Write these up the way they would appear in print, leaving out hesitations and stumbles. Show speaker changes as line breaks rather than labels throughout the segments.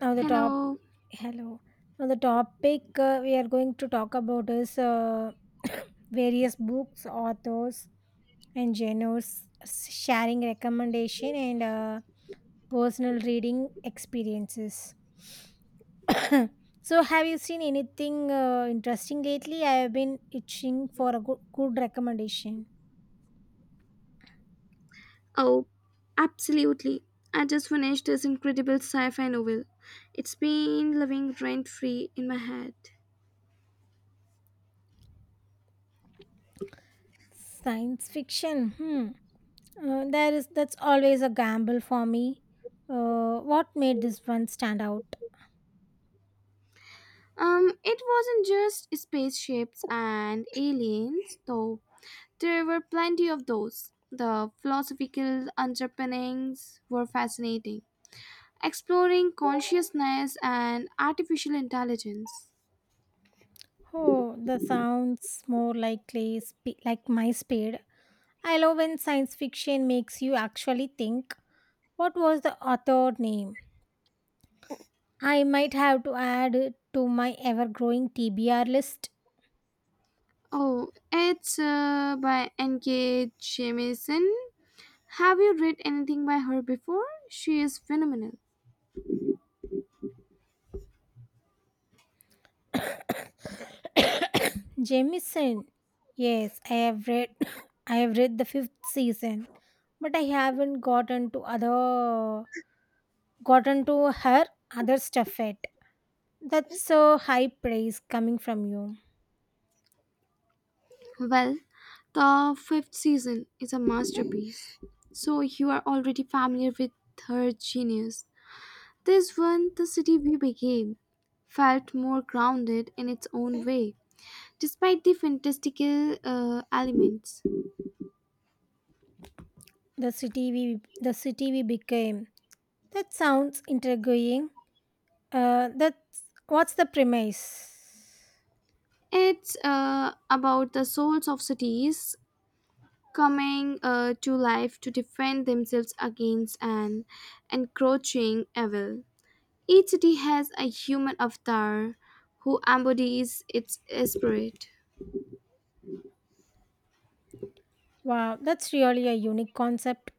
Now the top
Hello.
Hello. Now the topic we are going to talk about is various books, authors, and genres sharing recommendation and personal reading experiences. So, have you seen anything interesting lately? I have been itching for a good recommendation.
Oh, absolutely. I just finished this incredible sci-fi novel. It's been living rent-free in my head.
Science fiction. Hmm. There is that's always a gamble for me. What made this one stand out?
It wasn't just spaceships and aliens, though. There were plenty of those. The philosophical underpinnings were fascinating, exploring consciousness and artificial intelligence.
Oh, that sounds more likely like my speed. I love when science fiction makes you actually think. What was the author name? I might have to add it to my ever-growing TBR list.
Oh, it's by N.K. Jemisin. Have you read anything by her before? She is phenomenal.
Jameson. Yes, I have read. I have read the fifth season, but I haven't gotten to her other stuff yet. That's so high praise coming from you.
Well, the fifth season is a masterpiece, so you are already familiar with her genius. This one, The City We Became, felt more grounded in its own way, despite the fantastical elements.
The city we the city we became. That sounds intriguing. That's what's the premise?
It's about the souls of cities coming to life to defend themselves against an encroaching evil. Each city has a human avatar who embodies its spirit.
Wow, that's really a unique concept.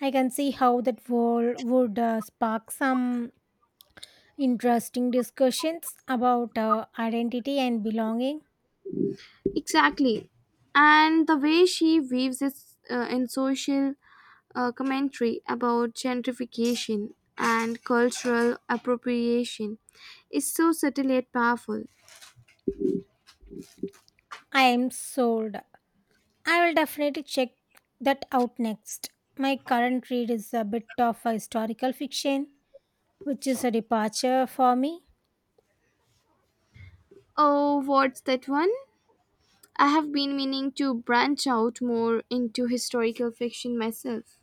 I can see how that world would spark some interesting discussions about identity and belonging.
Exactly. And the way she weaves it in social commentary about gentrification and cultural appropriation is so subtle yet powerful.
I am sold. I will definitely check that out next. My current read is a bit of a historical fiction, which is a departure for me.
Oh, what's that one? I have been meaning to branch out more into historical fiction myself.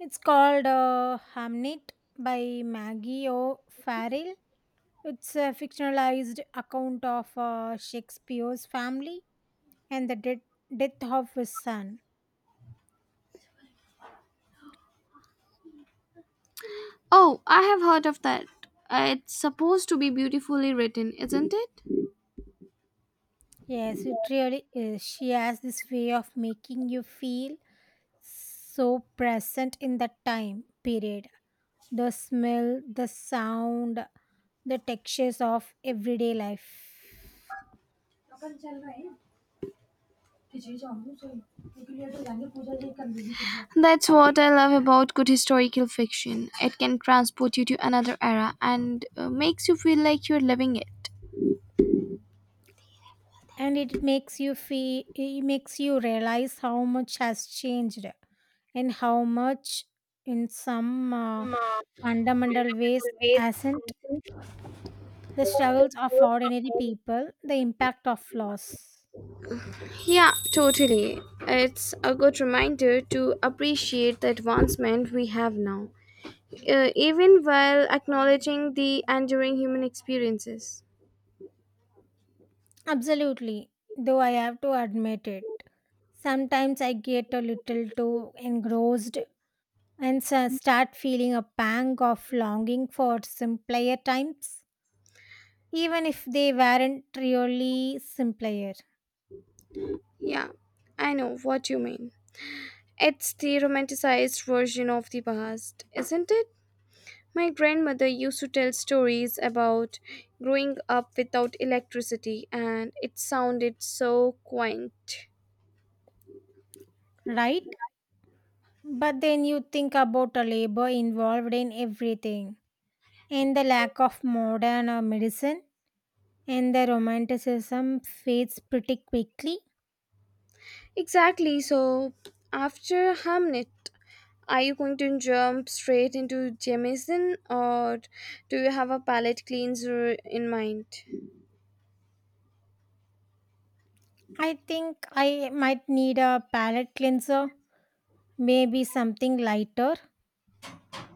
It's called Hamnet by Maggie O'Farrell. It's a fictionalized account of Shakespeare's family and the death of his son.
Oh, I have heard of that. It's supposed to be beautifully written, isn't it?
Yes, it really is. She has this way of making you feel so present in the time period. The smell, the sound, the textures of everyday life.
That's what I love about good historical fiction. It can transport you to another era and makes you feel like you're living it.
And it makes you realize how much has changed, and how much in some fundamental ways hasn't, the struggles of ordinary people, the impact of loss.
Yeah, totally. It's a good reminder to appreciate the advancement we have now, even while acknowledging the enduring human experiences.
Absolutely, though I have to admit it sometimes I get a little too engrossed and so start feeling a pang of longing for simpler times, even if they weren't really simpler.
Yeah, I know what you mean. It's the romanticized version of the past, isn't it? My grandmother used to tell stories about growing up without electricity, and it sounded so quaint.
Right? But then you think about the labor involved in everything, and the lack of modern medicine, and the romanticism fades pretty quickly.
Exactly, so after Hamnet, are you going to jump straight into Jamison or do you have a palette cleanser in mind?
I think I might need a palate cleanser, maybe something lighter,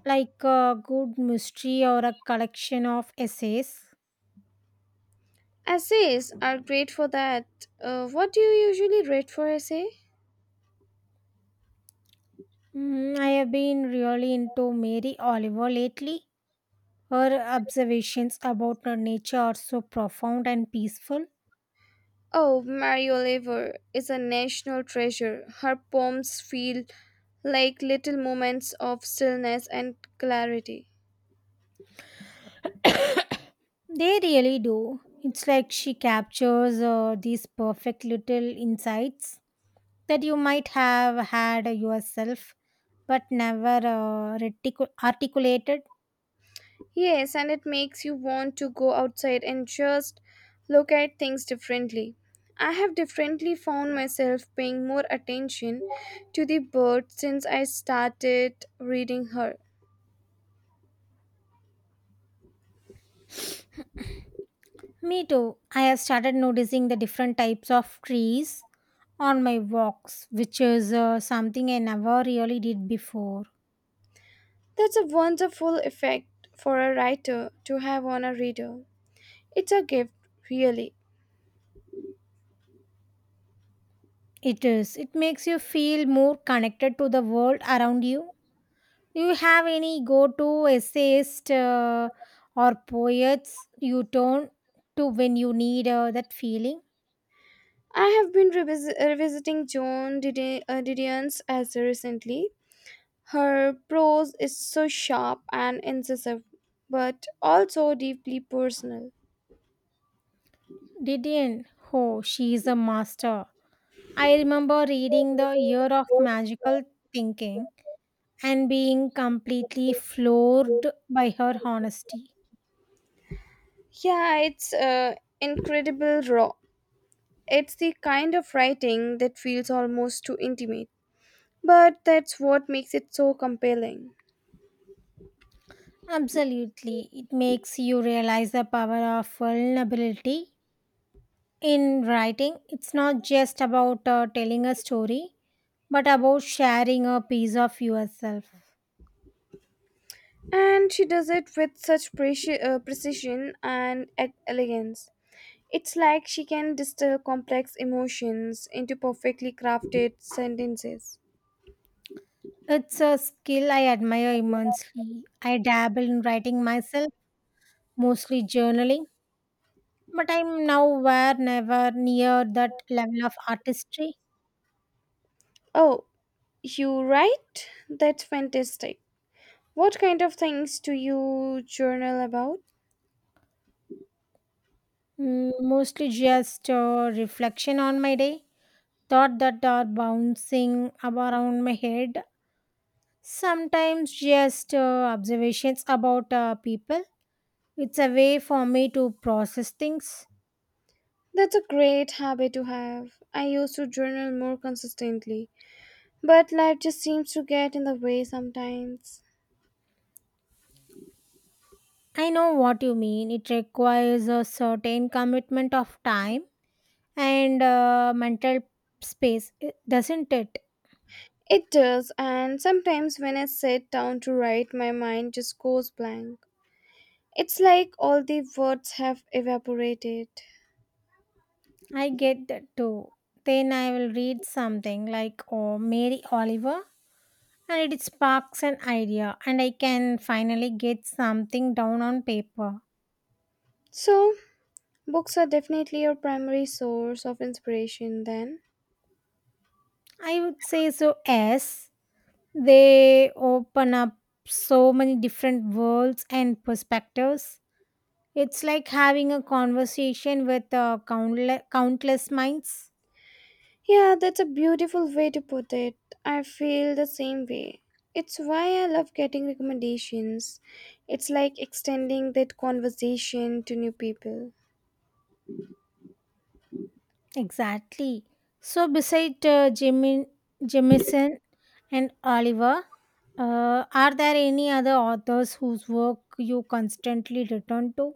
like a good mystery or a collection of essays.
Essays are great for that. What do you usually read for essay?
Mm, I have been really into Mary Oliver lately. Her observations about nature are so profound and peaceful.
Oh, Mary Oliver is a national treasure. Her poems feel like little moments of stillness and clarity.
They really do. It's like she captures these perfect little insights that you might have had yourself but never articulated.
Yes, and it makes you want to go outside and just look at things differently. I have differently found myself paying more attention to the birds since I started reading her.
Me too. I have started noticing the different types of trees on my walks, which is something I never really did before.
That's a wonderful effect for a writer to have on a reader. It's a gift, really.
It is. It makes you feel more connected to the world around you. Do you have any go to essayist or poets you turn to when you need that feeling?
I have been revisiting Didion's essay recently. Her prose is so sharp and incisive, but also deeply personal.
Didion, oh, she is a master. I remember reading The Year of Magical Thinking and being completely floored by her honesty.
Yeah, it's incredible raw. It's the kind of writing that feels almost too intimate, but that's what makes it so compelling.
Absolutely, it makes you realize the power of vulnerability in writing. It's not just about telling a story, but about sharing a piece of yourself.
And she does it with such precision and elegance. It's like she can distill complex emotions into perfectly crafted sentences.
It's a skill I admire immensely. I dabble in writing myself, mostly journaling, but I'm nowhere never near that level of artistry.
Oh, you write? That's fantastic. What kind of things do you journal about?
Mm, mostly just a reflection on my day, thought that are bouncing around my head. Sometimes just observations about people. It's a way for me to process things.
That's a great habit to have. I used to journal more consistently, but life just seems to get in the way sometimes.
I know what you mean. It requires a certain commitment of time and mental space, doesn't it?
It does, and sometimes when I sit down to write, my mind just goes blank. It's like all the words have evaporated.
I get that too. Then I will read something like oh, Mary Oliver and it sparks an idea and I can finally get something down on paper.
So, books are definitely your primary source of inspiration, then?
I would say so, as they open up so many different worlds and perspectives. It's like having a conversation with countless minds.
Yeah, that's a beautiful way to put it. I feel the same way. It's why I love getting recommendations. It's like extending that conversation to new people.
Exactly. So, beside Jemison and Oliver, are there any other authors whose work you constantly return to?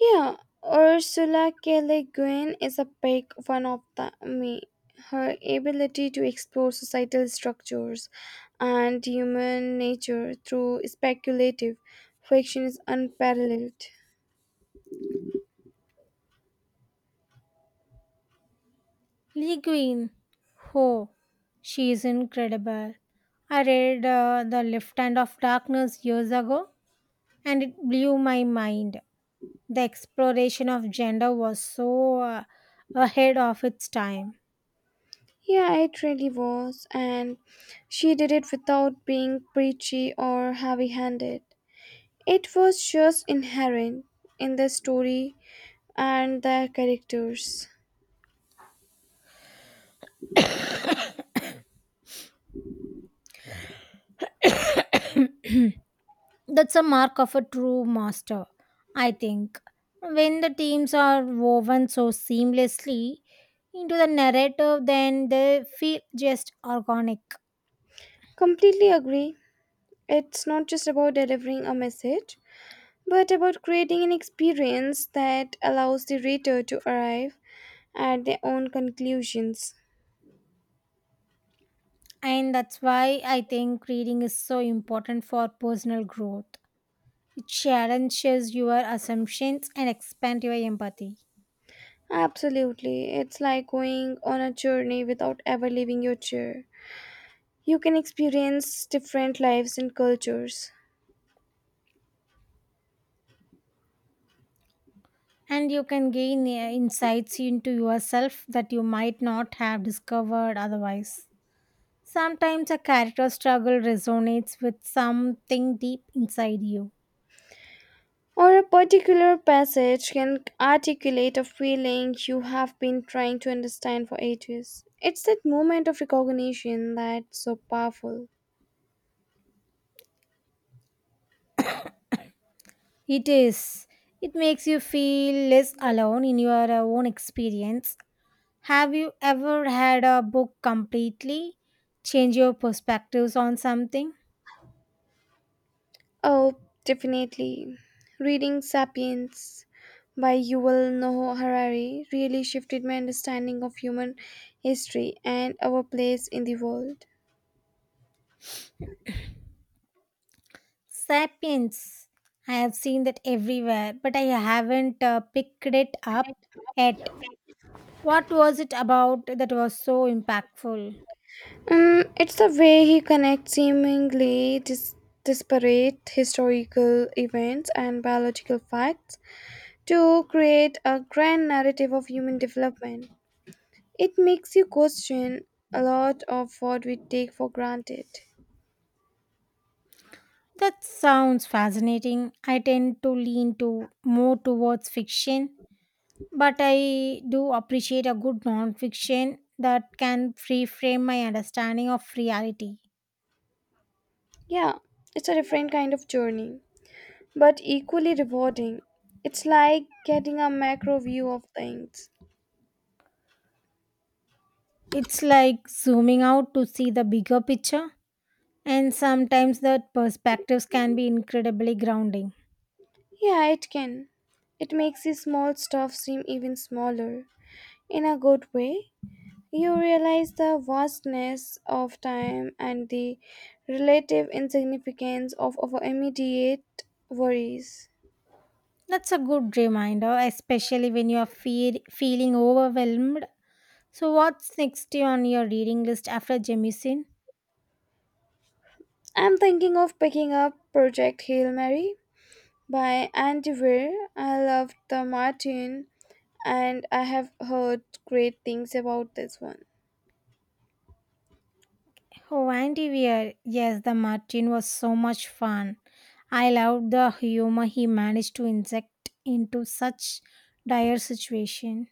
Yeah, Ursula K. Le Guin is a big one of the, me. Her ability to explore societal structures and human nature through speculative fiction is unparalleled.
Lee Guin. Oh, she is incredible. I read The Left Hand of Darkness years ago and it blew my mind. The exploration of gender was so ahead of its time.
Yeah, it really was. And she did it without being preachy or heavy handed. It was just inherent in the story and the characters.
That's a mark of a true master, I think. When the teams are woven so seamlessly into the narrative, then they feel just organic.
Completely agree. It's not just about delivering a message, but about creating an experience that allows the reader to arrive at their own conclusions.
And that's why I think reading is so important for personal growth. It challenges your assumptions and expands your empathy.
Absolutely. It's like going on a journey without ever leaving your chair. You can experience different lives and cultures.
And you can gain insights into yourself that you might not have discovered otherwise. Sometimes a character struggle resonates with something deep inside you.
Or a particular passage can articulate a feeling you have been trying to understand for ages. It's that moment of recognition that's so powerful.
It is. It makes you feel less alone in your own experience. Have you ever had a book completely change your perspectives on something?
Oh, definitely. Reading Sapiens by Yuval Noah Harari really shifted my understanding of human history and our place in the world.
Sapiens. I have seen that everywhere, but I haven't picked it up yet. What was it about that was so impactful?
Mm, it's the way he connects disparate historical events and biological facts to create a grand narrative of human development. It makes you question a lot of what we take for granted.
That sounds fascinating. I tend to lean to more towards fiction, but I do appreciate a good nonfiction that can reframe my understanding of reality.
Yeah, it's a different kind of journey, but equally rewarding. It's like getting a macro view of things.
It's like zooming out to see the bigger picture, and sometimes that perspectives can be incredibly grounding.
Yeah, it can. It makes the small stuff seem even smaller, in a good way. You realize the vastness of time and the relative insignificance of our immediate worries.
That's a good reminder, especially when you are feeling overwhelmed. So, what's next on your reading list after Jemisin?
I'm thinking of picking up Project Hail Mary by Andy Weir. I loved the Martin and I have heard great things about this one.
Oh, Antivir! Yes, the Martin was so much fun. I loved the humor he managed to inject into such dire situation.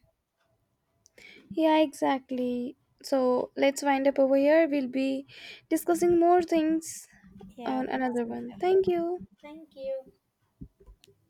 Yeah, exactly. So let's wind up over here. We'll be discussing more things
Yeah,
on
but
another one. Thank you.
thank you.